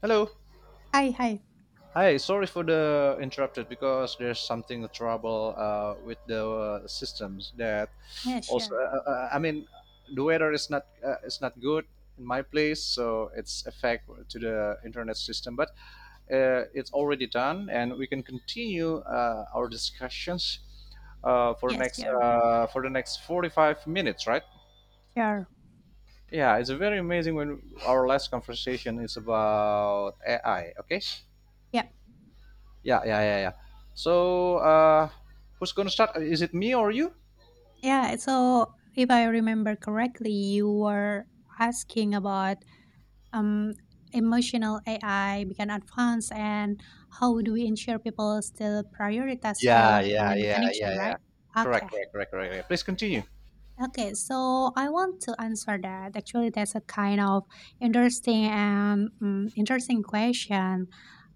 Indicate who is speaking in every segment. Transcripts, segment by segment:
Speaker 1: Hello.
Speaker 2: Hi, hi.
Speaker 1: Hi. Sorry for the interrupted because there's something trouble with the systems that
Speaker 2: Yeah,
Speaker 1: also.
Speaker 2: sure.
Speaker 1: I mean, the weather is not good in my place, so it's affect to the internet system. But it's already done, and we can continue our discussions
Speaker 2: Yes, sure.
Speaker 1: for the next 45 minutes, right?
Speaker 2: Sure.
Speaker 1: Yeah, it's very amazing when our last conversation is about AI. Okay.
Speaker 2: Yeah.
Speaker 1: Yeah, yeah, yeah, yeah. So, who's going to start? Is it me or you?
Speaker 2: Yeah. So if I remember correctly, you were asking about um emotional AI become advanced and how do we ensure people still prioritize
Speaker 1: Yeah,
Speaker 2: real
Speaker 1: yeah,
Speaker 2: human
Speaker 1: yeah, yeah,
Speaker 2: connection,
Speaker 1: yeah.
Speaker 2: right? Okay.
Speaker 1: Correct, correct, correct, correct, correct. Please continue.
Speaker 2: Okay. Okay, so I want to answer that. Actually, that's a kind of interesting and interesting question.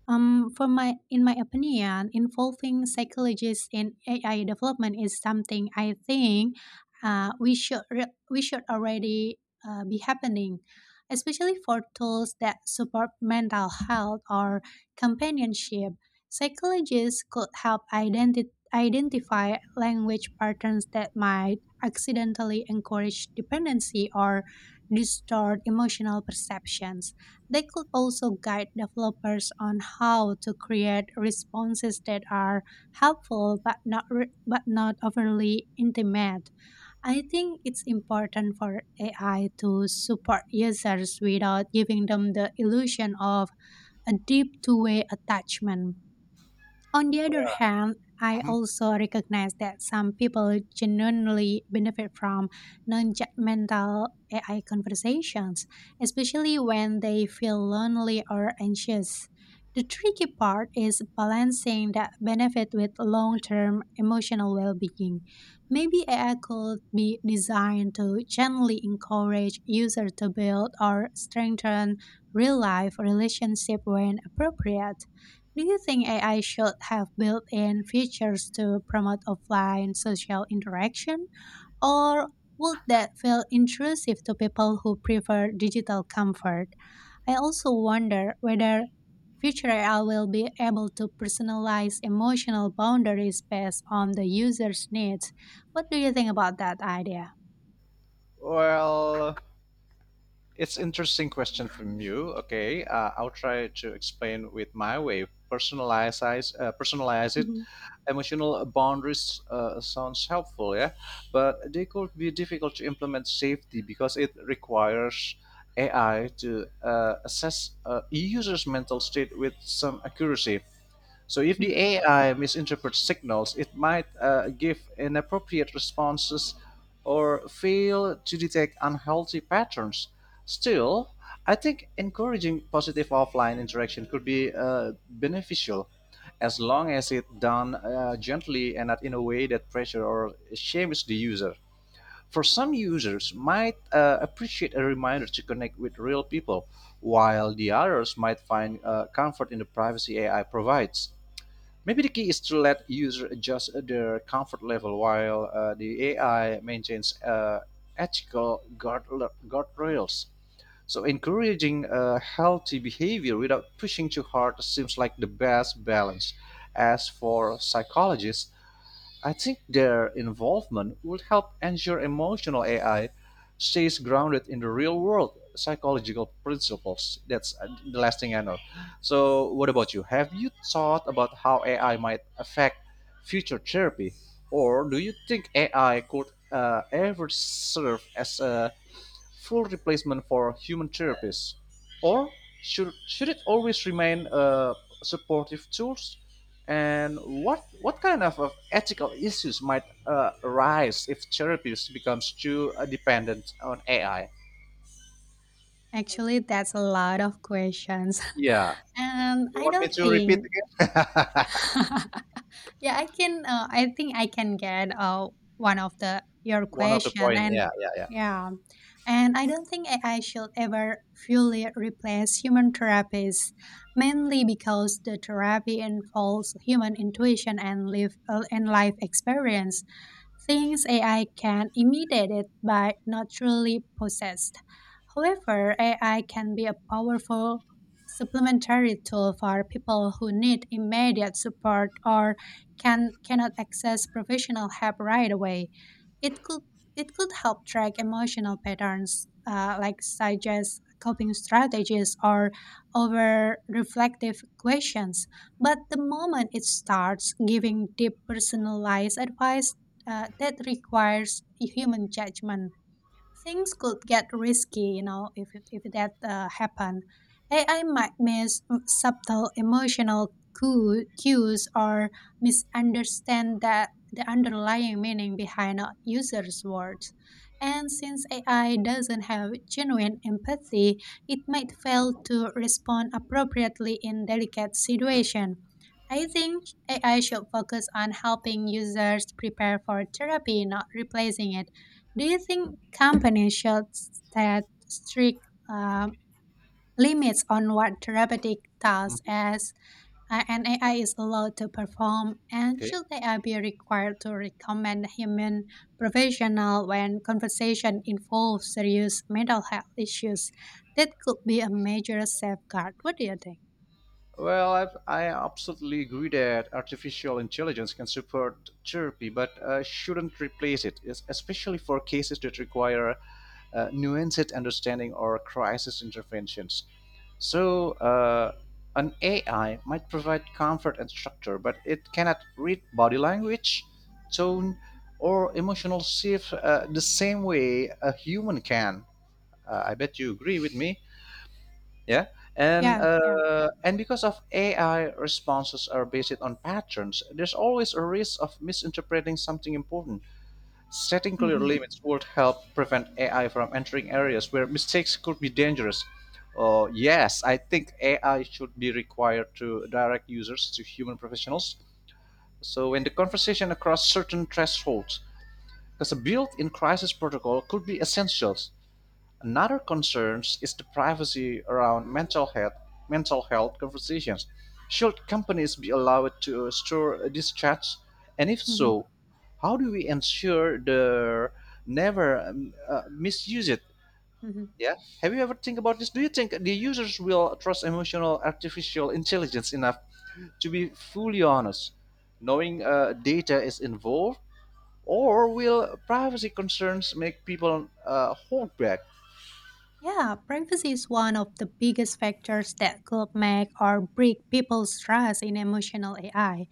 Speaker 2: In my opinion, involving psychologists in AI development is something I think we should re- we should already be happening, especially for tools that support mental health or companionship. Psychologists could help identify language patterns that might accidentally encourage dependency or distort emotional perceptions. They could also guide developers on how to create responses that are helpful but not overly intimate. I think it's important for AI to support users without giving them the illusion of a deep two-way attachment. On the other hand, I
Speaker 1: Mhm.
Speaker 2: also recognize that some people genuinely benefit from non judgmental AI conversations, especially when they feel lonely or anxious. The tricky part is balancing that benefit with long term emotional well being. Maybe AI could be designed to gently encourage users to build or strengthen real life relationships when appropriate. Do you think AI should have built in features to promote offline social interaction, or would that feel intrusive to people who prefer digital comfort? I also wonder whether future AI will be able to personalize emotional boundaries based on the user's needs. What do you think about that idea?
Speaker 1: Well, it's interesting question from you. Okay, I'll try to explain with my way. Personalize, personalize it.
Speaker 2: Mhm.
Speaker 1: Emotional boundaries sounds helpful, yeah, but they could be difficult to implement safely because it requires AI to assess a user's mental state with some accuracy. So if the
Speaker 2: Mhm.
Speaker 1: AI misinterprets signals, it might give inappropriate responses or fail to detect unhealthy patterns. Still, I think encouraging positive offline interaction could be beneficial as long as it's done gently and not in a way that pressure or shames the user. For some users, might appreciate a reminder to connect with real people, while the others might find comfort in the privacy AI provides. Maybe the key is to let users adjust their comfort level while the AI maintains ethical guardrails. So encouraging healthy behavior without pushing too hard seems like the best balance. As for psychologists, I think their involvement would help ensure emotional AI stays grounded in the real world psychological principles. That's the last thing I know. So, what about you? Have you thought about how AI might affect future therapy? Or do you think AI could ever serve as a full replacement for human therapists, or should it always remain a supportive tools? And what kind of ethical issues might arise if therapies becomes too dependent on AI?
Speaker 2: Actually, that's a lot of questions.
Speaker 1: Yeah,
Speaker 2: And
Speaker 1: you
Speaker 2: I
Speaker 1: want me
Speaker 2: don't
Speaker 1: to repeat
Speaker 2: think
Speaker 1: again?
Speaker 2: yeah, I can, I think I can get one of the your
Speaker 1: One of the
Speaker 2: question
Speaker 1: point.
Speaker 2: and
Speaker 1: Yeah, yeah, yeah.
Speaker 2: yeah. And I don't think AI should ever fully replace human therapies, mainly because the therapy involves human intuition and live and life experience, things AI can imitate it but not truly possessed. However, AI can be a powerful supplementary tool for people who need immediate support or cannot access professional help right away. It could it could help track emotional patterns, like suggest coping strategies or over reflective questions. But the moment it starts giving deep personalized advice, that requires human judgment, things could get risky, you know, if that happened. AI might miss subtle emotional cues or misunderstand that the underlying meaning behind a user's words. And since AI doesn't have genuine empathy, it might fail to respond appropriately in delicate situation. I think AI should focus on helping users prepare for therapy, not replacing it. Do you think companies should set strict uh, limits on what therapeutic tasks
Speaker 1: Mhm.
Speaker 2: as an AI is allowed to perform, and
Speaker 1: Okay.
Speaker 2: should AI be required to recommend human professional when conversation involves serious mental health issues? That could be a major safeguard. What do you think?
Speaker 1: Well, I absolutely agree that artificial intelligence can support therapy, but shouldn't replace it, especially for cases that require nuanced understanding or crisis interventions. So, an AI might provide comfort and structure, but it cannot read body language, tone, or emotional shift the same way a human can. I bet you agree with me. Yeah,
Speaker 2: Yeah, yeah.
Speaker 1: and because of AI responses are based on patterns, there's always a risk of misinterpreting something important. Setting clear
Speaker 2: Hmm.
Speaker 1: limits would help prevent AI from entering areas where mistakes could be dangerous. Yes, I think AI should be required to direct users to human professionals. So when the conversation across certain thresholds, because a built-in crisis protocol could be essential. Another concern is the privacy around mental health conversations. Should companies be allowed to store these chats? And if
Speaker 2: Hmm.
Speaker 1: so, how do we ensure they never misuse it?
Speaker 2: Hmm.
Speaker 1: Yeah. Have you ever think about this? Do you think the users will trust emotional artificial intelligence enough to be fully honest, knowing data is involved, or will privacy concerns make people hold back?
Speaker 2: Yeah, privacy is one of the biggest factors that could make or break people's trust in emotional AI.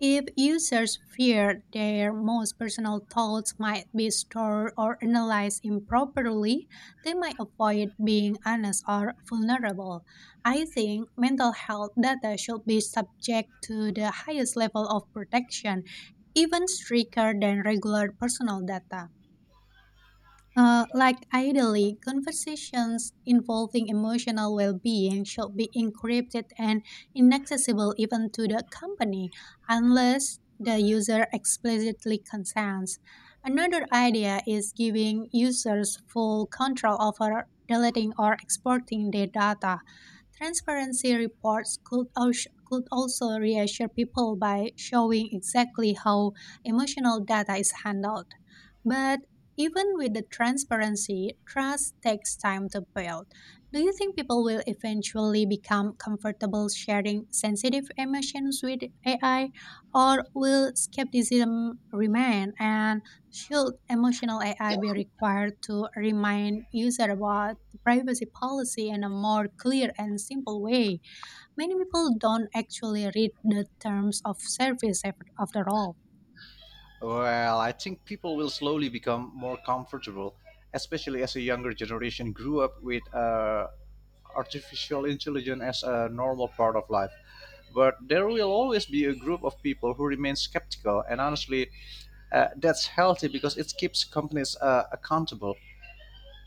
Speaker 2: If users fear their most personal thoughts might be stored or analyzed improperly, they might avoid being honest or vulnerable. I think mental health data should be subject to the highest level of protection, even stricter than regular personal data. Like ideally, conversations involving emotional well-being should be encrypted and inaccessible even to the company unless the user explicitly consents. Another idea is giving users full control over deleting or exporting their data. Transparency reports could also reassure people by showing exactly how emotional data is handled. But even with the transparency, trust takes time to build. Do you think people will eventually become comfortable sharing sensitive emotions with AI, or will skepticism remain? And should emotional AI be required to remind users about privacy policy in a more clear and simple way? Many people don't actually read the terms of service after all.
Speaker 1: Well, I think people will slowly become more comfortable, especially as a younger generation grew up with artificial intelligence as a normal part of life. But there will always be a group of people who remain skeptical, and honestly, that's healthy because it keeps companies accountable.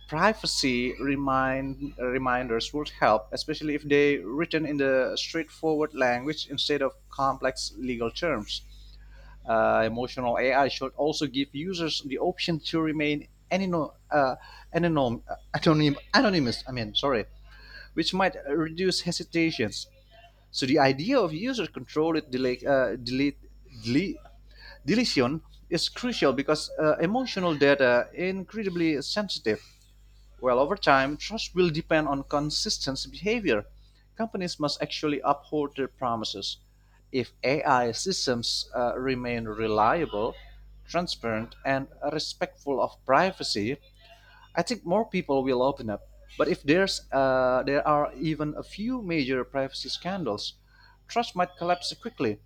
Speaker 1: Reminders would help, especially if they written in the straightforward language instead of complex legal terms emotional AI should also give users the option to remain anonym, anonymous. I mean, sorry, which might reduce hesitations. So the idea of user controlled delete, deletion is crucial because emotional data incredibly sensitive. Well, over time, trust will depend on consistent behavior. Companies must actually uphold their promises. If AI systems remain reliable, transparent, and respectful of privacy, I think more people will open up. But if there are even a few major privacy scandals, trust might collapse quickly.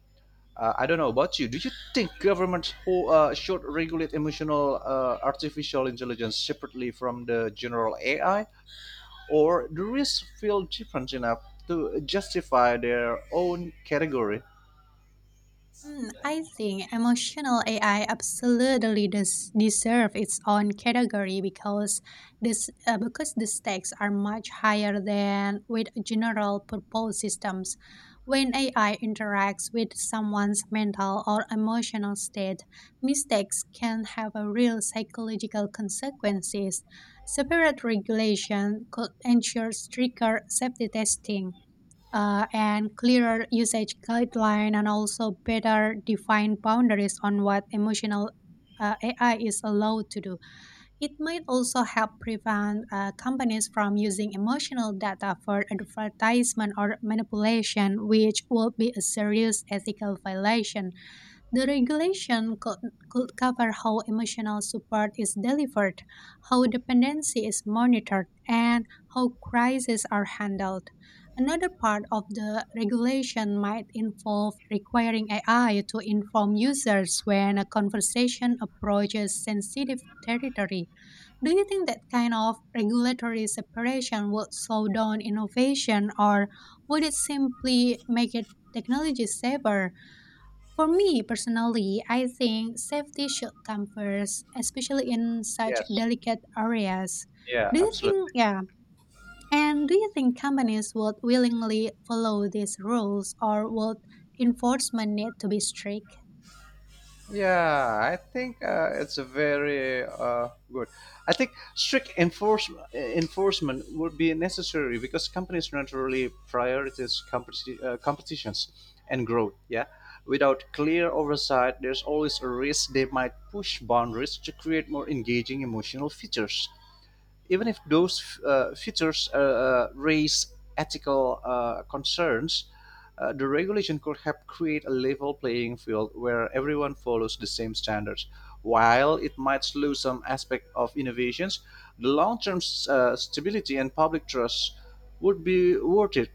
Speaker 1: I don't know about you. Do you think governments who should regulate emotional artificial intelligence separately from the general AI? Or the risks feel different enough to justify their own category.
Speaker 2: Hmm, I think emotional AI absolutely does deserve its own category because this because the stakes are much higher than with general purpose systems. When AI interacts with someone's mental or emotional state, mistakes can have a real psychological consequences. Separate regulation could ensure stricter safety testing and clearer usage guideline and also better defined boundaries on what emotional AI is allowed to do. It might also help prevent companies from using emotional data for advertisement or manipulation, which would be a serious ethical violation. The regulation could, could cover how emotional support is delivered, how dependency is monitored, and how crises are handled. Another part of the regulation might involve requiring AI to inform users when a conversation approaches sensitive territory. Do you think that kind of regulatory separation would slow down innovation or would it simply make it technology safer? For me personally, I think safety should come first, especially in such
Speaker 1: Yes.
Speaker 2: delicate areas.
Speaker 1: Yeah,
Speaker 2: Do you
Speaker 1: absolutely.
Speaker 2: think, yeah, and do you think companies would willingly follow these rules or would enforcement need to be strict?
Speaker 1: Yeah, I think it's a very good. I think strict enforcement would be necessary because companies naturally prioritize competitions and growth. Yeah, without clear oversight, there's always a risk they might push boundaries to create more engaging emotional features, even if those features raise ethical concerns, the regulation could help create a level playing field where everyone follows the same standards. While it might slow some aspect of innovations, the long-term stability and public trust would be worth it.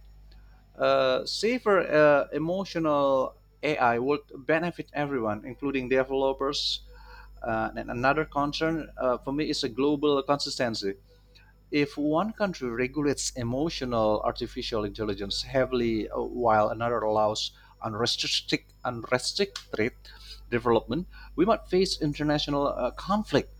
Speaker 1: Safer emotional AI would benefit everyone, including developers. And another concern for me is a global consistency if one country regulates emotional artificial intelligence heavily while another allows unrestricted development, we might face international conflict.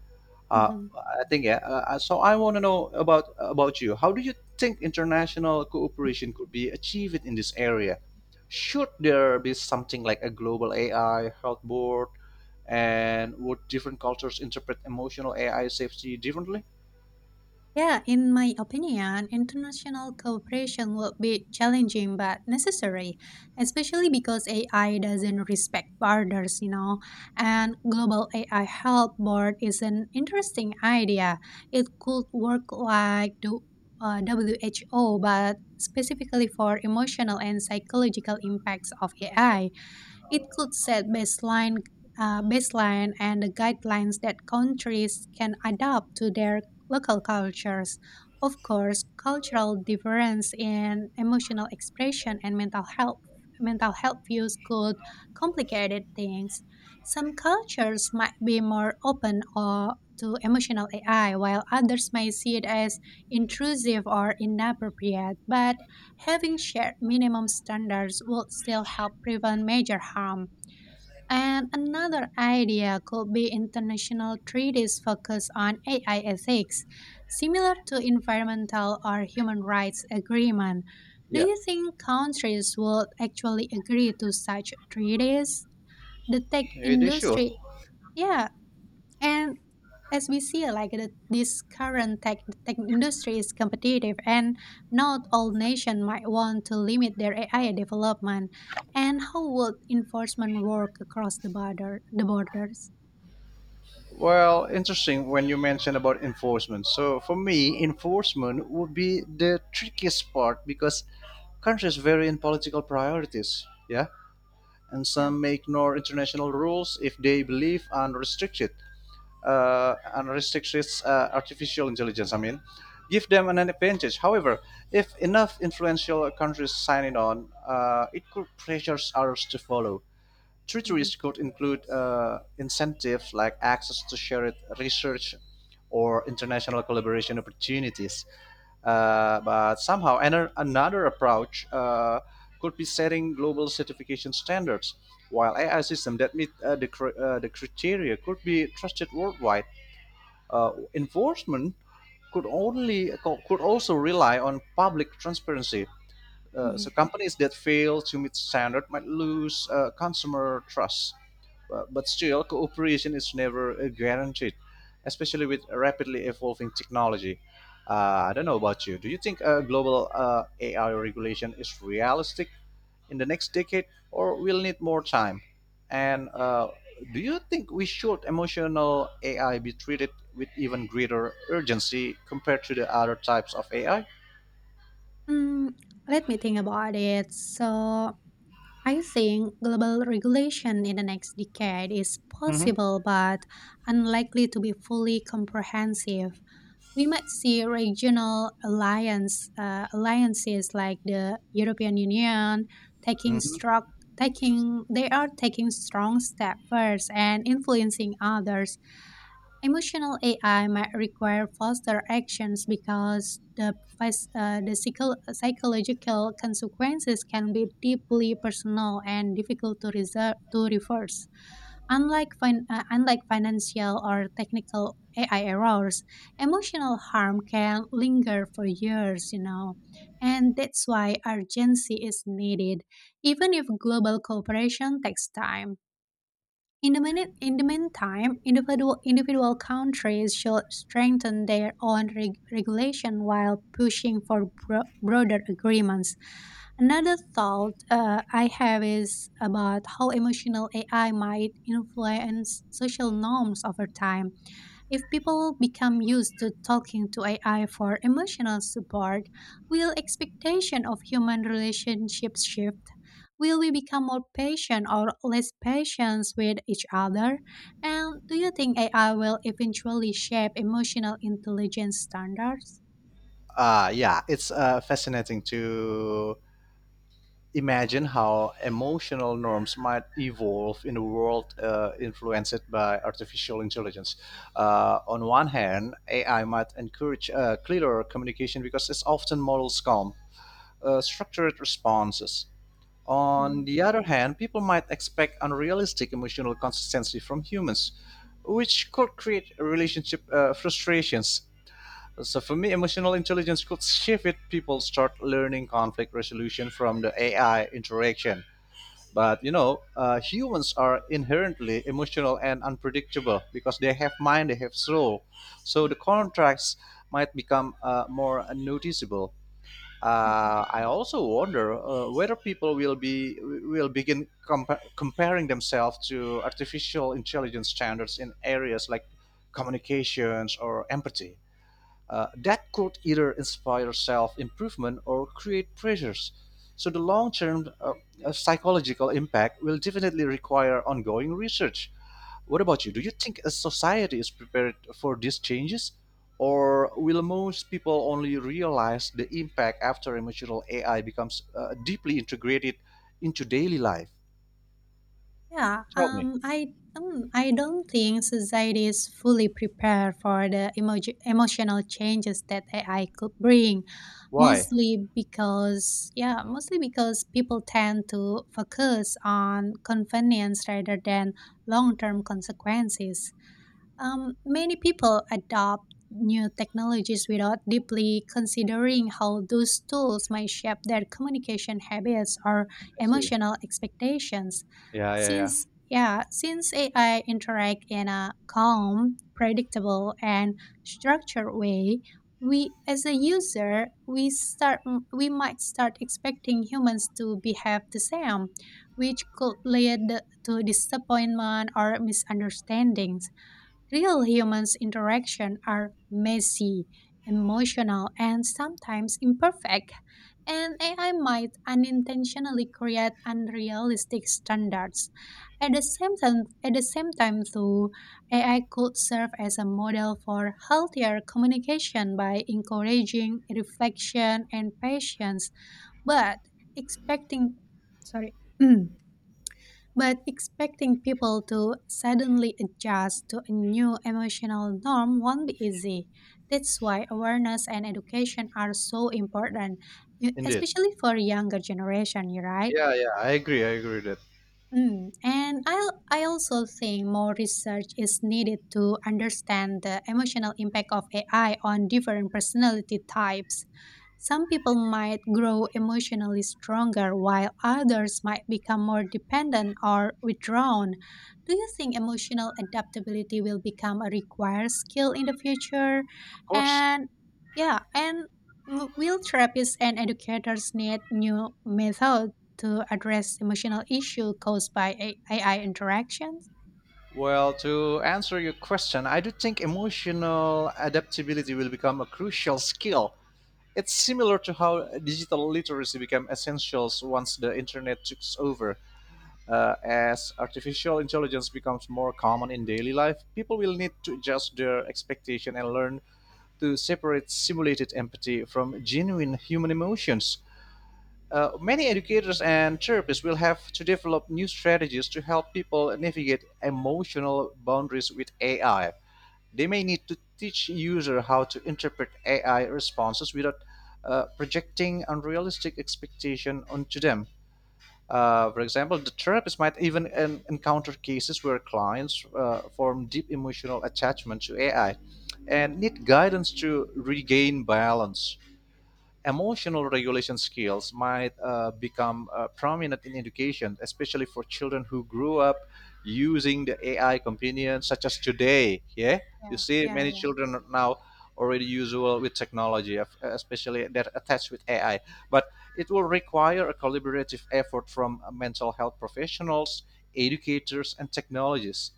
Speaker 2: Mhm.
Speaker 1: I think, yeah. So I want to know about you. How do you think international cooperation could be achieved in this area? Should there be something like a global AI health board, and would different cultures interpret emotional AI safety differently?
Speaker 2: Yeah, in my opinion, international cooperation will be challenging but necessary, especially because AI doesn't respect borders, you know. And global AI help board is an interesting idea. It could work like the WHO, but specifically for emotional and psychological impacts of AI. It could baseline and the guidelines that countries can adapt to their local cultures. Of course, cultural difference in emotional expression and mental health views could complicate things. Some cultures might be more open or to emotional AI, while others may see it as intrusive or inappropriate. But having shared minimum standards would still help prevent major harm. And another idea could be international treaties focused on AI ethics, similar to environmental or human rights agreement. Do
Speaker 1: Yeah,
Speaker 2: you think countries would actually agree to such treaties? The tech
Speaker 1: eh, they should.
Speaker 2: industry, yeah, and as we see, like this current tech industry is competitive, and not all nations might want to limit their AI development. And how would enforcement work across the borders?
Speaker 1: Well, interesting when you mention about enforcement. So for me, enforcement would be the trickiest part because countries vary in political priorities, yeah, and
Speaker 2: Yeah.
Speaker 1: some may ignore international rules if they believe unrestricted artificial intelligence. I mean, give them an advantage. However, if enough influential countries sign it on, it could pressures others to follow.
Speaker 2: Mhm.
Speaker 1: Treaties could include incentives like access to shared research or international collaboration opportunities. But somehow, another approach could be setting global certification standards, while AI systems that meet the criteria could be trusted worldwide. Enforcement could only could also rely on public transparency
Speaker 2: Mhm.
Speaker 1: so companies that fail to meet standard might lose consumer trust. But still, cooperation is never guaranteed, especially with rapidly evolving technology. I don't know about you. Do you think global AI regulation is realistic in the next decade, or we'll need more time? And do you think we should emotional AI be treated with even greater urgency compared to the other types of AI?
Speaker 2: Mm, let me think about it. So I think global regulation in the next decade is
Speaker 1: Hmm.
Speaker 2: possible, but unlikely to be fully comprehensive. We might see regional alliance alliances like the European Union taking
Speaker 1: Mhm.
Speaker 2: strong taking they are taking strong step first and influencing others. Emotional AI might require faster actions because the psychological consequences can be deeply personal and difficult to reverse. Unlike financial or technical AI errors, emotional harm can linger for years, you know, and that's why urgency is needed, even if global cooperation takes time. In the meantime, individual countries should strengthen their own regulation while pushing for broader agreements. Another thought I have is about how emotional AI might influence social norms over time. If people become used to talking to AI for emotional support, will expectation of human relationships shift? Will we become more patient or less patient with each other? And do you think AI will eventually shape emotional intelligence standards?
Speaker 1: Yeah, it's fascinating to imagine how emotional norms might evolve in a world influenced by artificial intelligence. On one hand, AI might encourage clearer communication because it often models calm, structured responses. On
Speaker 2: Mhm.
Speaker 1: the other hand, people might expect unrealistic emotional consistency from humans, which could create relationship frustrations, so for me, emotional intelligence could shift if people start learning conflict resolution from the AI interaction. But you know, humans are inherently emotional and unpredictable because they have mind, they have soul. So
Speaker 2: Yeah.
Speaker 1: the contracts might become more noticeable.
Speaker 2: Mhm.
Speaker 1: I also wonder whether people will begin comparing themselves to artificial intelligence standards in areas like communications or empathy, that could either inspire self improvement or create pressures. So, the long term psychological impact will definitely require ongoing research. What about you? Do you think a society is prepared for these changes? Or will most people only realize the impact after emotional AI becomes deeply integrated into daily life?
Speaker 2: Yeah,
Speaker 1: Tell me,
Speaker 2: I don't think society is fully prepared for the emotional changes that AI could bring.
Speaker 1: why?
Speaker 2: Mostly because people tend to focus on convenience rather than long-term consequences. Many people adopt new technologies without deeply considering how those tools might shape their communication habits or
Speaker 1: I see.
Speaker 2: emotional expectations.
Speaker 1: Yeah, yeah, yeah.
Speaker 2: Since AI interact in a calm, predictable, and structured way, we as a user we start we might start expecting humans to behave the same, which could lead to disappointment or misunderstandings. Real humans' interaction are messy, emotional, and sometimes imperfect, and AI might unintentionally create unrealistic standards. At the same time though, AI could serve as a model for healthier communication by encouraging reflection and patience, but expecting sorry but expecting people to suddenly adjust to a new emotional norm won't be easy. That's why awareness and education are so important,
Speaker 1: Indeed.
Speaker 2: especially for younger generation, you right?
Speaker 1: Yeah, yeah, I agree. I agree with that.
Speaker 2: Mm, and I also think more research is needed to understand the emotional impact of AI on different personality types. Some people might grow emotionally stronger while others might become more dependent or withdrawn. Do you think emotional adaptability will become a required skill in the future?
Speaker 1: Of course.
Speaker 2: And yeah, and will therapists and educators need new methods to address emotional issue caused by AI interactions?
Speaker 1: Well, to answer your question, I do think emotional adaptability will become a crucial skill. It's similar to how digital literacy became essential once the internet took over. As artificial intelligence becomes more common in daily life, people will need to adjust their expectation and learn to separate simulated empathy from genuine human emotions. Many educators and therapists will have to develop new strategies to help people navigate emotional boundaries with AI. They may need to teach users how to interpret AI responses without projecting unrealistic expectations onto them. For example, the therapist might even encounter cases where clients form deep emotional attachment to AI and need guidance to regain balance. Emotional regulation skills might become prominent in education, especially for children who grew up using the AI companion, such as today. Yeah, you
Speaker 2: Yeah,
Speaker 1: see
Speaker 2: yeah,
Speaker 1: many
Speaker 2: yeah.
Speaker 1: children are now already usual with technology, especially that attached with AI. But it will require a collaborative effort from mental health professionals, educators, and technologists.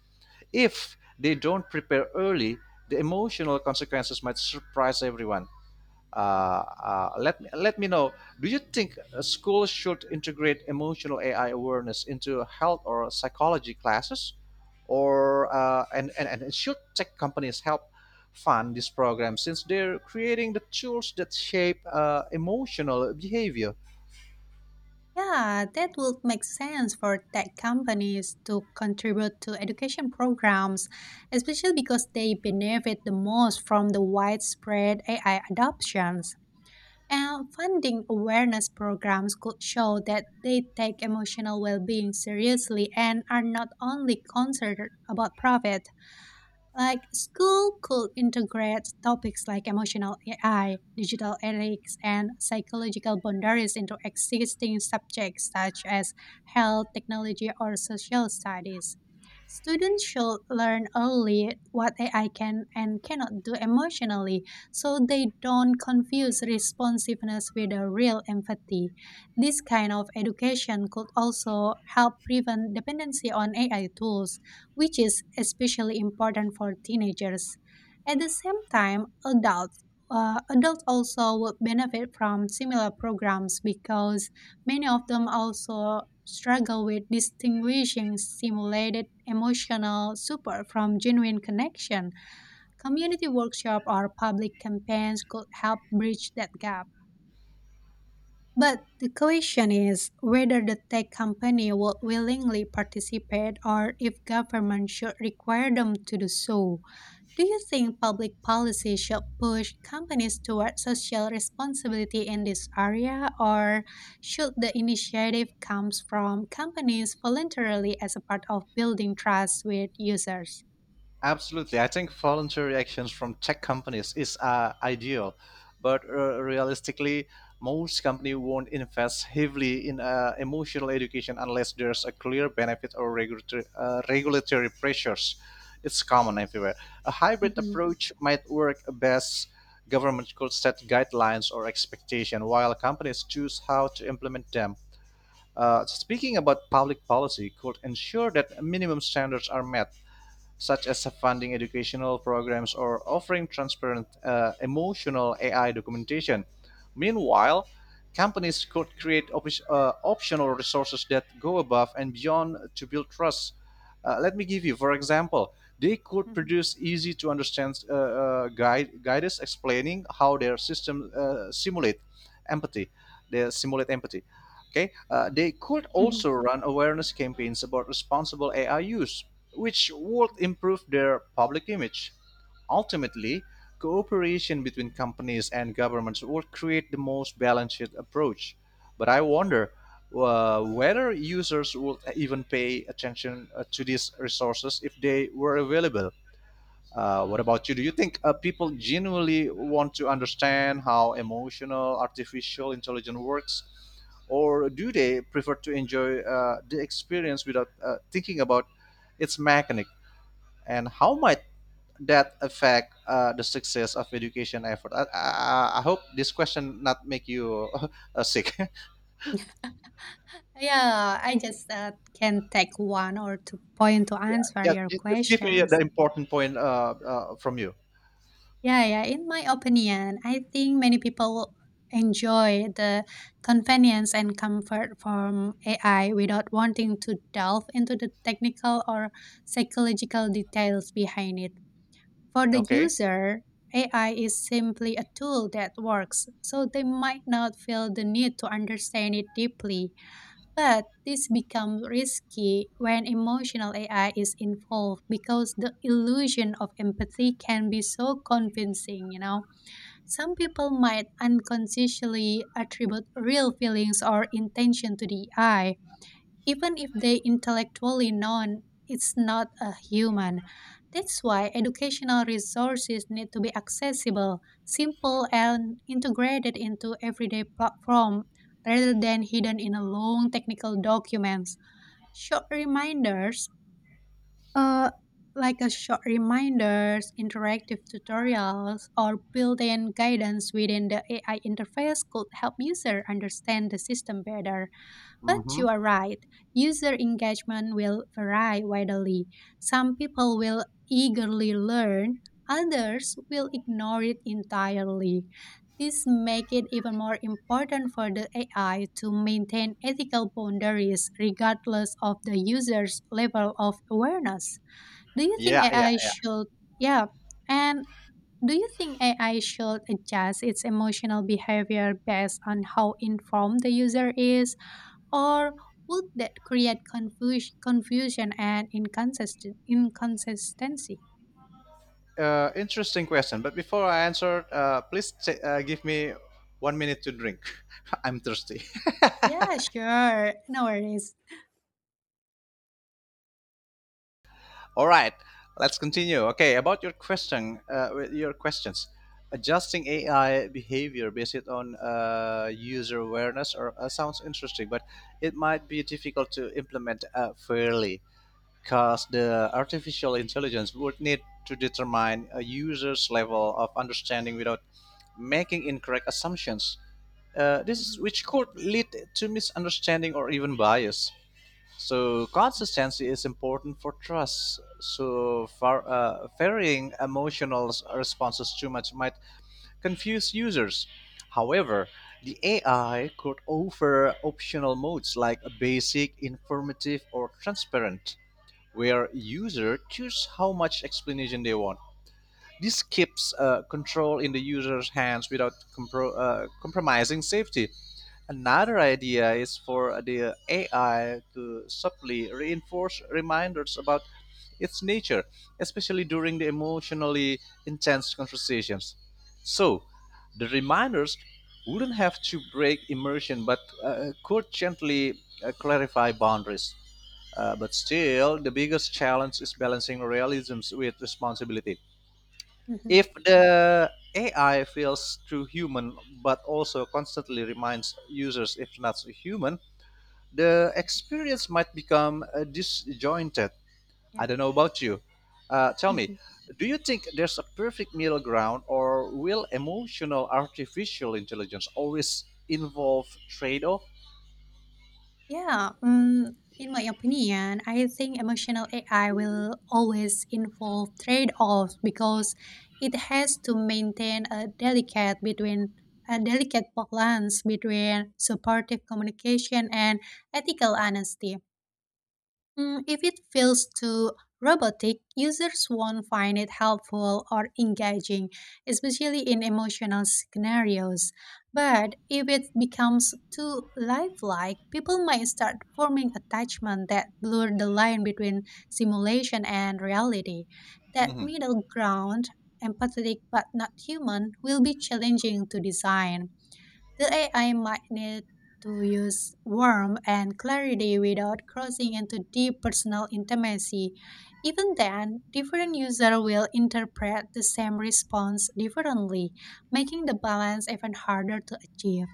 Speaker 1: If they don't prepare early, the emotional consequences might surprise everyone. Let me know. Do you think schools should integrate emotional AI awareness into health or psychology classes, or and should tech companies help fund this program since they're creating the tools that shape emotional behavior?
Speaker 2: Yeah, that would make sense for tech companies to contribute to education programs, especially because they benefit the most from the widespread AI adoptions. And funding awareness programs could show that they take emotional well being seriously and are not only concerned about profit. Like school could integrate topics like emotional AI, digital ethics, and psychological boundaries into existing subjects such as health, technology, or social studies. Students should learn early what AI can and cannot do emotionally so they don't confuse responsiveness with a real empathy. This kind of education could also help prevent dependency on AI tools which is especially important for teenagers. At the same time, adults also would benefit from similar programs because many of them also struggle with distinguishing simulated emotional support from genuine connection. Community workshop or public campaigns could help bridge that gap. But the question is whether the tech company will willingly participate or if government should require them to do so. Do you think public policy should push companies toward social responsibility in this area, or should the initiative comes from companies voluntarily as a part of building trust with users?
Speaker 1: Absolutely. I think voluntary actions from tech companies is ideal, but realistically, most company won't invest heavily in emotional education unless there's a clear benefit or regulatory pressures. It's common everywhere. A hybrid
Speaker 2: Mhm,
Speaker 1: approach might work best. Government could set guidelines or expectation while companies choose how to implement them. Speaking about public policy, could ensure that minimum standards are met such as funding educational programs or offering transparent emotional AI documentation. Meanwhile, companies could create optional resources that go above and beyond to build trust. Let me give you, for example, they could
Speaker 2: mhm,
Speaker 1: produce easy to understand guides explaining how their system simulate empathy. They simulate empathy. Okay, they could also
Speaker 2: mhm.
Speaker 1: run awareness campaigns about responsible AI use, which would improve their public image. Ultimately, cooperation between companies and governments would create the most balanced approach. But I wonder whether users would even pay attention to these resources if they were available. What about you? Do you think people genuinely want to understand how emotional artificial intelligence works, or do they prefer to enjoy the experience without thinking about its mechanic? And how might that affect the success of education effort? I hope this question not make you sick.
Speaker 2: Yeah, I just can take one or two point to answer
Speaker 1: just,
Speaker 2: your
Speaker 1: just give me the
Speaker 2: questions.
Speaker 1: important point from you.
Speaker 2: Yeah, yeah. In my opinion, I think many people enjoy the convenience and comfort from AI without wanting to delve into the technical or psychological details behind it. For the
Speaker 1: Okay.
Speaker 2: user, AI is simply a tool that works, so they might not feel the need to understand it deeply. But this becomes risky when emotional AI is involved because the illusion of empathy can be so convincing, you know. Some people might unconsciously attribute real feelings or intention to the AI, even if they intellectually known it's not a human. That's why educational resources need to be accessible, simple, and integrated into everyday platform rather than hidden in a long technical documents. Short reminders, uh, like a short reminders, interactive tutorials, or built-in guidance within the AI interface could help user understand the system better. But
Speaker 1: Mm-hmm.
Speaker 2: you are right, user engagement will vary widely. Some people will eagerly learn, others will ignore it entirely. This makes it even more important for the AI to maintain ethical boundaries regardless of the user's level of awareness. Do you
Speaker 1: Yeah,
Speaker 2: think AI
Speaker 1: yeah.
Speaker 2: should, Yeah, and do you think AI should adjust its emotional behavior based on how informed the user is? Or would that create confusion and inconsistent inconsistency?
Speaker 1: Interesting question. But before I answer, please give me 1 minute to drink. I'm thirsty.
Speaker 2: Yeah, sure. No worries.
Speaker 1: All right, let's continue. Okay, with your questions, adjusting AI behavior based on user awareness or sounds interesting, but it might be difficult to implement fairly, because the artificial intelligence would need to determine a user's level of understanding without making incorrect assumptions. This is
Speaker 2: Mhm,
Speaker 1: which could lead to misunderstanding or even bias. So consistency is important for trust. So far, varying emotional responses too much might confuse users. However, the AI could offer optional modes like basic, informative, or transparent where user choose how much explanation they want. This keeps control in the user's hands without compromising safety. Another idea is for the AI to subtly reinforce reminders about its nature, especially during the emotionally intense conversations. So, the reminders wouldn't have to break immersion but could gently clarify boundaries. But still, the biggest challenge is balancing realism with responsibility.
Speaker 2: mhm,
Speaker 1: If the AI feels too human but also constantly reminds users if not human, the experience might become disjointed. I
Speaker 2: Yeah.
Speaker 1: don't know about you. Tell me,
Speaker 2: mhm.
Speaker 1: do you think there's a perfect middle ground, or will emotional artificial intelligence always involve trade off?
Speaker 2: Yeah. In my opinion, I think emotional AI will always involve trade offs because it has to maintain a delicate balance between supportive communication and ethical honesty. If it feels too robotic, users won't find it helpful or engaging, especially in emotional scenarios. But if it becomes too lifelike, people might start forming attachment that blur the line between simulation and reality. That
Speaker 1: Mhm.
Speaker 2: middle ground, empathetic but not human, will be challenging to design. The AI might need to use warmth and clarity without crossing into deep personal intimacy. Even then, different users will interpret the same response differently, making the balance even harder to achieve.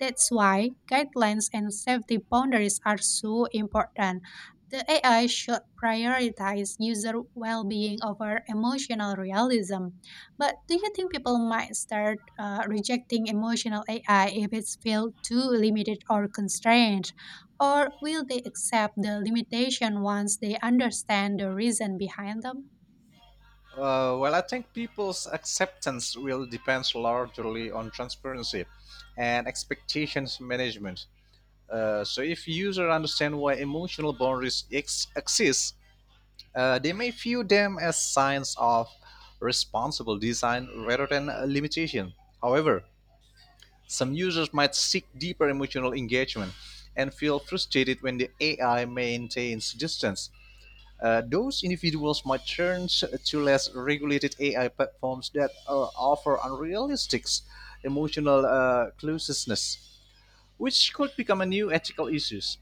Speaker 2: That's why guidelines and safety boundaries are so important. The AI should prioritize user well being over emotional realism. But do you think people might start rejecting emotional AI if it's felt too limited or constrained? Or will they accept the limitation once they understand the reason behind them?
Speaker 1: Well, I think people's acceptance will depend largely on transparency and expectations management. So if users understand why emotional boundaries exist, they may view them as signs of responsible design rather than a limitation. However, some users might seek deeper emotional engagement and feel frustrated when the AI maintains distance. Those individuals might turn to less regulated AI platforms that offer unrealistic emotional closeness, which could become a new ethical issues.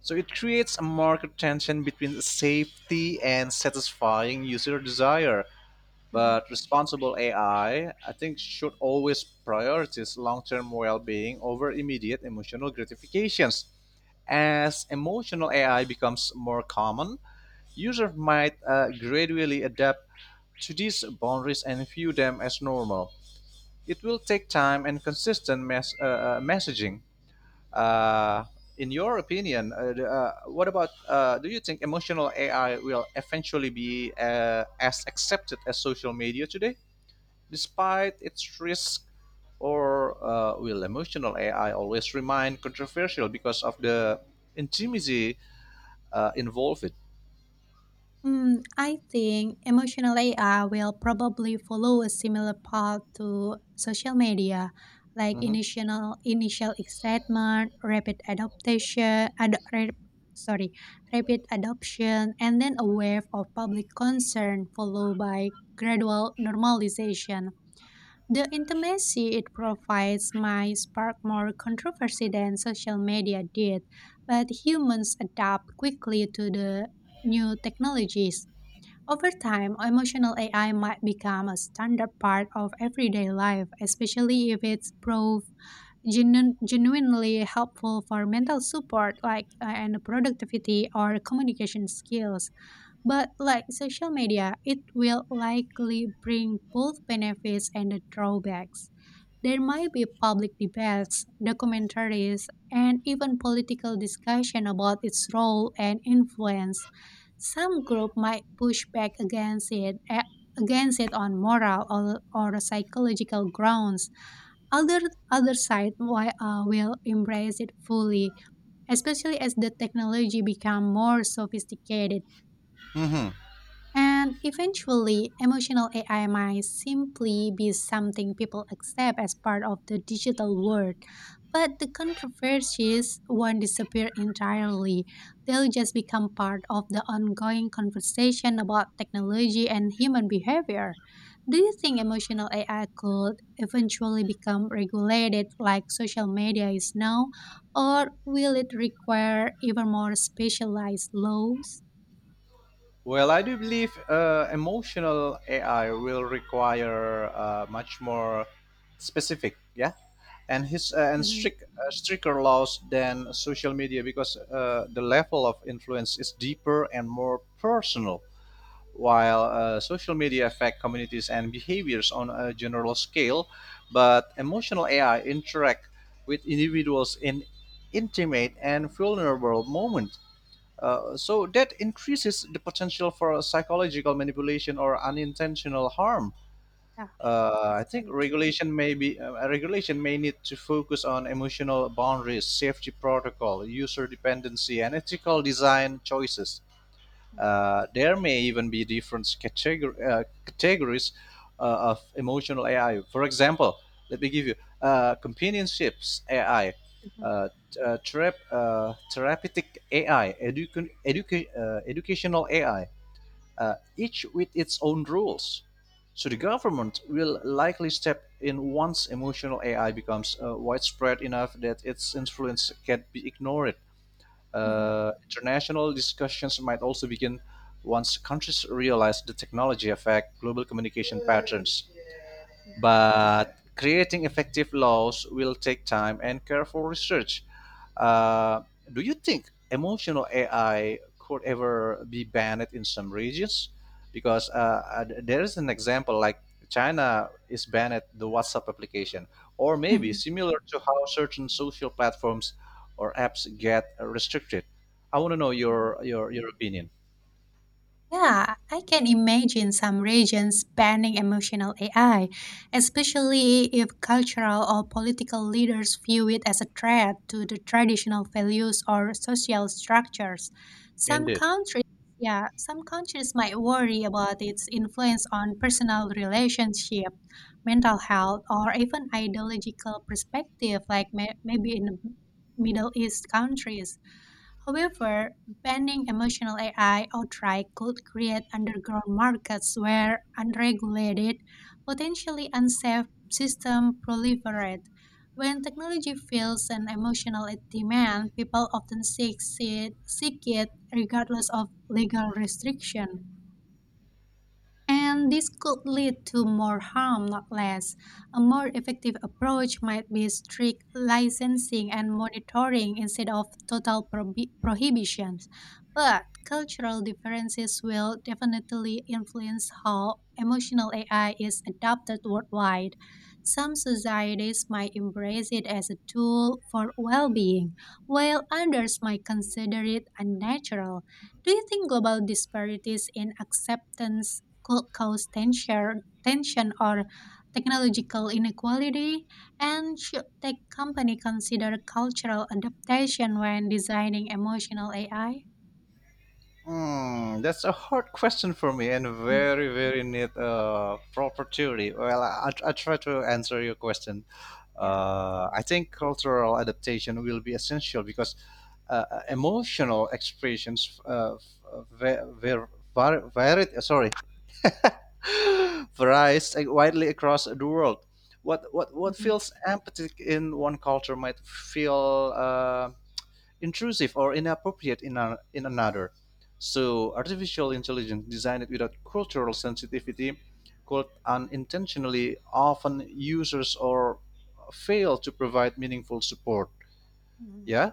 Speaker 1: So it creates a marked tension between safety and satisfying user desire.
Speaker 2: Mhm.
Speaker 1: But responsible AI, I think, should always prioritize long term well being over immediate emotional gratifications. As emotional AI becomes more common, users might gradually adapt to these boundaries and view them as normal. It will take time and consistent messaging. Uh, in your opinion, the- what about? Do you think emotional AI will eventually be as accepted as social media today, despite its risk, or will emotional AI always remain controversial because of the intimacy involved?
Speaker 2: I think emotional AI will probably follow a similar path to social media, like
Speaker 1: Mm-hmm.
Speaker 2: initial excitement, rapid adaptation, ad, rap- sorry, rapid adoption, and then a wave of public concern followed by gradual normalization. The intimacy it provides might spark more controversy than social media did, but humans adapt quickly to the new technologies. Over time, emotional AI might become a standard part of everyday life, especially if it's proved genuinely helpful for mental support like and productivity or communication skills. But like social media, it will likely bring both benefits and the drawbacks. There might be public debates, documentaries, and even political discussion about its role and influence. Some group might push back against it on moral or psychological grounds. Other Other side will embrace it fully, especially as the technology become more sophisticated and eventually, emotional AI might simply be something people accept as part of the digital world. But the controversies won't disappear entirely. They'll just become part of the ongoing conversation about technology and human behavior. Do you think emotional AI could eventually become regulated like social media is now, or will it require even more specialized laws?
Speaker 1: Well, I do believe emotional AI will require much more specific, yeah, and his uh, and
Speaker 2: Mhm.
Speaker 1: strict uh, stricter laws than social media because the level of influence is deeper and more personal. While social media affect communities and behaviors on a general scale, but emotional AI interact with individuals in intimate and vulnerable moment so that increases the potential for psychological manipulation or unintentional harm.
Speaker 2: Yeah.
Speaker 1: I
Speaker 2: It's
Speaker 1: think
Speaker 2: very true.
Speaker 1: regulation may need to focus on emotional boundaries, safety protocol, user dependency, and ethical design choices.
Speaker 2: Mhm,
Speaker 1: There may even be different categories of emotional AI. For example, let me give you companionships AI, uh,
Speaker 2: mhm,
Speaker 1: therapeutic AI, educational AI, each with its own rules. So the government will likely step in once emotional AI becomes widespread enough that its influence can be ignored.
Speaker 2: mhm,
Speaker 1: International discussions might also begin once countries realize the technology affect global communication patterns.
Speaker 2: mhm,
Speaker 1: But creating effective laws will take time and careful research. Uh, do you think emotional AI could ever be banned in some regions? Because there is an example like China is banned the WhatsApp application, or maybe
Speaker 2: mhm,
Speaker 1: similar to how certain social platforms or apps get restricted. I want to know
Speaker 2: mhm.
Speaker 1: your opinion.
Speaker 2: Yeah, I can imagine some regions banning emotional AI, especially if cultural or political leaders view it as a threat to the traditional values or social structures. Some
Speaker 1: Indeed.
Speaker 2: countries, yeah, some countries might worry about its influence on personal relationship, mental health, or even ideological perspective, like maybe in the Middle East countries. However, banning emotional AI outright could create underground markets where unregulated, potentially unsafe systems proliferate. When technology fills an emotional demand, people often seek it regardless of legal restriction. And this could lead to more harm, not less. A more effective approach might be strict licensing and monitoring instead of total prohibitions. But cultural differences will definitely influence how emotional AI is adopted worldwide. Some societies might embrace it as a tool for well being, while others might consider it unnatural. Do you think global disparities in acceptance cause tension or technological inequality, and should tech company consider cultural adaptation when designing emotional AI?
Speaker 1: Hmm, that's a hard question for me and
Speaker 2: Mm,
Speaker 1: very, very neat opportunity. Well, I try to answer your question.
Speaker 2: Yeah.
Speaker 1: I think cultural adaptation will be essential because emotional expressions v- v- varied, sorry, varies widely across the world. What
Speaker 2: Mhm,
Speaker 1: feels empathic in one culture might feel intrusive or inappropriate in, a in another. So, artificial intelligence designed without cultural sensitivity could unintentionally often users or fail to provide meaningful support.
Speaker 2: mhm.
Speaker 1: Yeah,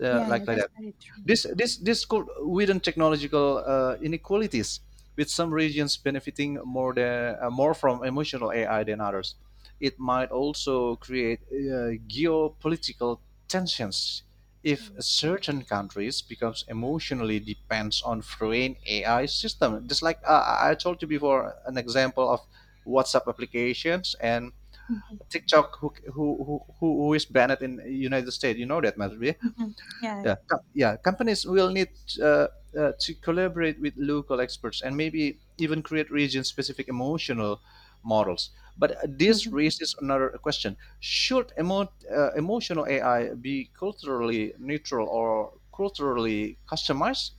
Speaker 1: Uh,
Speaker 2: Yeah, yeah,
Speaker 1: like like
Speaker 2: that's
Speaker 1: that.
Speaker 2: very true.
Speaker 1: This could widen technological inequalities, with some regions benefiting more than more from emotional AI than others. It might also create geopolitical tensions if
Speaker 2: Mhm,
Speaker 1: certain countries becomes emotionally depends on foreign AI system. Just like I told you before, an example of WhatsApp applications and
Speaker 2: mhm,
Speaker 1: TikTok, who is banned in United States. You know that, man.
Speaker 2: mhm. Yeah. Yeah.
Speaker 1: Yeah, companies will need uh, to collaborate with local experts and maybe even create region specific emotional models. But this
Speaker 2: Mhm.
Speaker 1: raises another question: should emotional AI be culturally neutral or culturally customized?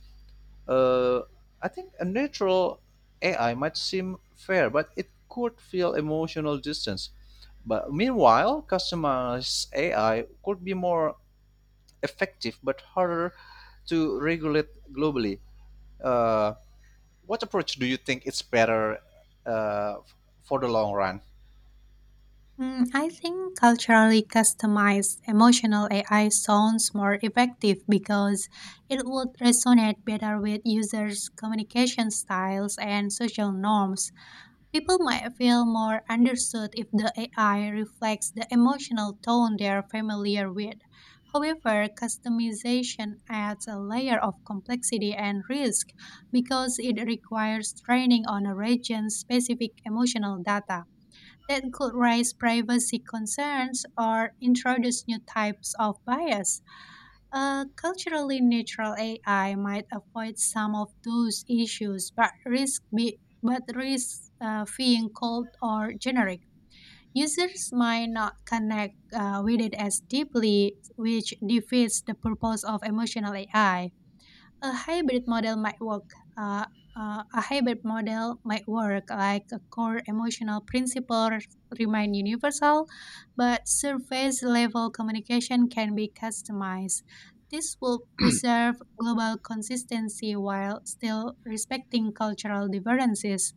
Speaker 1: uh, I think a neutral AI might seem fair but it could feel emotional distance, but meanwhile customized AI could be more effective but harder to regulate globally. Uh, what approach do you think is better uh, for the long run?
Speaker 2: I think culturally customized emotional AI sounds more effective because it would resonate better with users' communication styles and social norms. People might feel more understood if the AI reflects the emotional tone they are familiar with. However, customization adds a layer of complexity and risk because it requires training on a region specific emotional data that could raise privacy concerns or introduce new types of bias. A culturally neutral AI might avoid some of those issues, but but risk being cold or generic. Users might not connect with it as deeply, which defeats the purpose of emotional AI. a hybrid model might work. Uh, a hybrid model might work, like a core emotional principles remain universal, but surface level communication can be customized. This will preserve global consistency while still respecting cultural differences.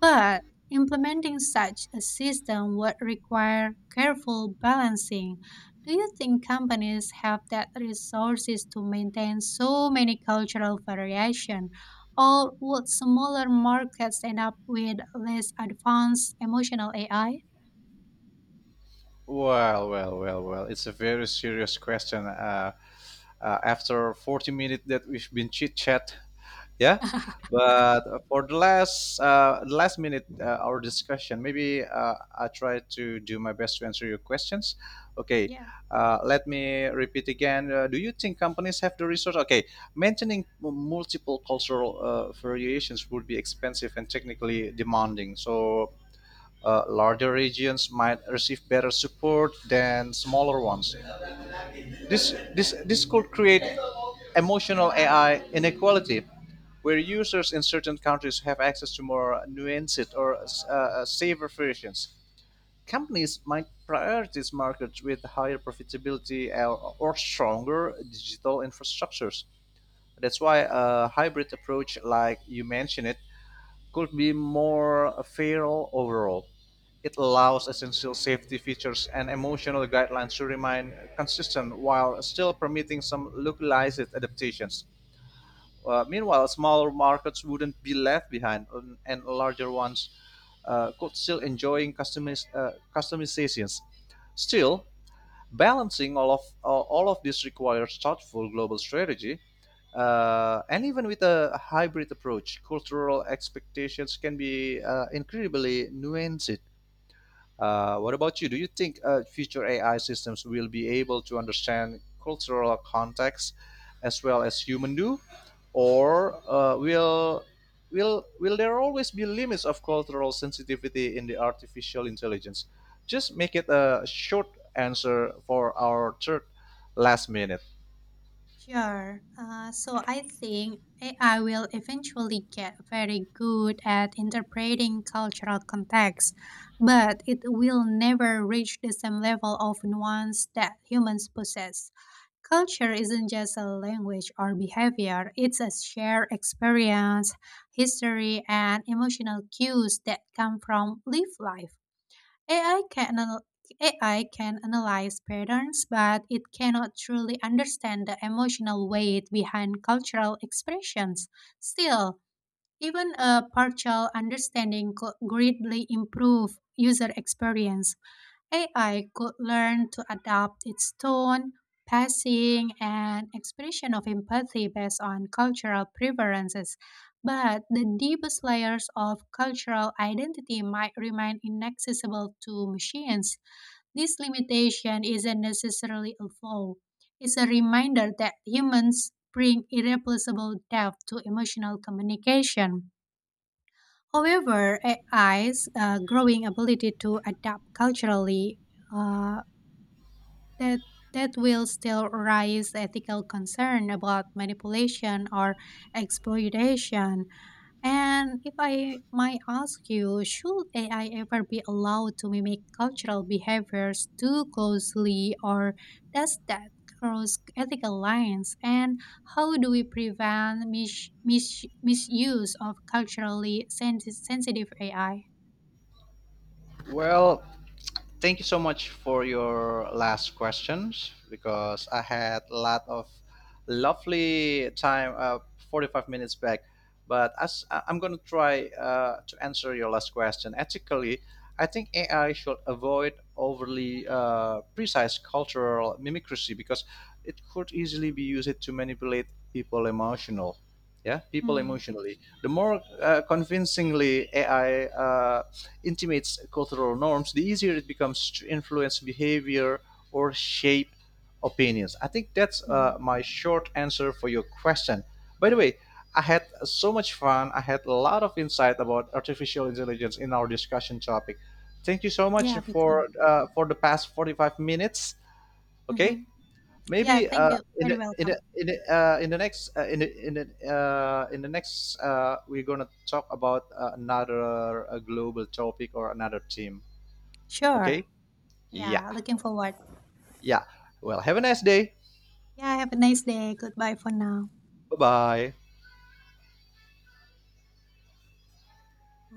Speaker 2: But implementing such a system would require careful balancing. Do you think companies have that resources to maintain so many cultural variation? Or would smaller markets end up with less advanced emotional AI?
Speaker 1: Well. It's a very serious question. After 40 minutes that we've been chit chat, yeah, but for the last minute our discussion, maybe I try to do my best to answer your questions. Okay,
Speaker 2: Yeah.
Speaker 1: let me repeat again. Do you think companies have the resource? Okay, maintaining multiple cultural variations would be expensive and technically demanding, so larger regions might receive better support than smaller ones. This could create emotional AI inequality, where users in certain countries have access to more nuanced or safer versions. Companies might prioritize markets with higher profitability or stronger digital infrastructures. That's why a hybrid approach, like you mentioned it, could be more fair overall. It allows essential safety features and emotional guidelines to remain consistent while still permitting some localized adaptations. Meanwhile, smaller markets wouldn't be left behind, and larger ones could still enjoy customizations. Still, balancing all of this requires thoughtful global strategy, and even with a hybrid approach, cultural expectations can be incredibly nuanced. What about you? Do you think future AI systems will be able to understand cultural context as well as human do, or will there always be limits of cultural sensitivity in the artificial intelligence? Just make it a short answer for our third last minute.
Speaker 2: Sure. So I think AI will eventually get very good at interpreting cultural context, but it will never reach the same level of nuance that humans possess. Culture isn't just a language or behavior, it's a shared experience, history, and emotional cues that come from lived life. AI can anal- AI can analyze patterns, but it cannot truly understand the emotional weight behind cultural expressions. Still, even a partial understanding could greatly improve user experience. AI could learn to adapt its tone, pacing, and expression of empathy based on cultural preferences, but the deepest layers of cultural identity might remain inaccessible to machines. This limitation isn't necessarily a flaw, it's a reminder that humans bring irreplaceable depth to emotional communication. However, AI's growing ability to adapt culturally, uh, that that will still raise ethical concern about manipulation or exploitation. And if I might ask you, should AI ever be allowed to mimic cultural behaviors too closely, or does that cross ethical lines? And how do we prevent misuse of culturally sensitive AI?
Speaker 1: Well, thank you so much for your last questions because I had a lot of lovely time, 45 minutes back. But as I'm going to try to answer your last question ethically, I think AI should avoid overly precise cultural mimicry because it could easily be used to manipulate people emotional. Yeah, people
Speaker 2: Mm,
Speaker 1: emotionally. The more convincingly AI intimates cultural norms, the easier it becomes to influence behavior or shape opinions. I think that's
Speaker 2: mhm.
Speaker 1: my short answer for your question. By the way, I had so much fun. I had a lot of insight about artificial intelligence in our discussion topic. Thank you so much
Speaker 2: Yeah, me too.
Speaker 1: for the past 45 minutes. Okay,
Speaker 2: Hmm. Yeah,
Speaker 1: maybe
Speaker 2: thank you.
Speaker 1: in
Speaker 2: Very
Speaker 1: the in the,
Speaker 2: welcome.
Speaker 1: in the, in the next in the, in the, in the next we're gonna talk about another global topic or another team.
Speaker 2: Sure.
Speaker 1: Okay? Yeah,
Speaker 2: Yeah, looking forward.
Speaker 1: yeah. Well, have a nice day.
Speaker 2: Yeah, have a nice day. Goodbye for now.
Speaker 1: Bye bye.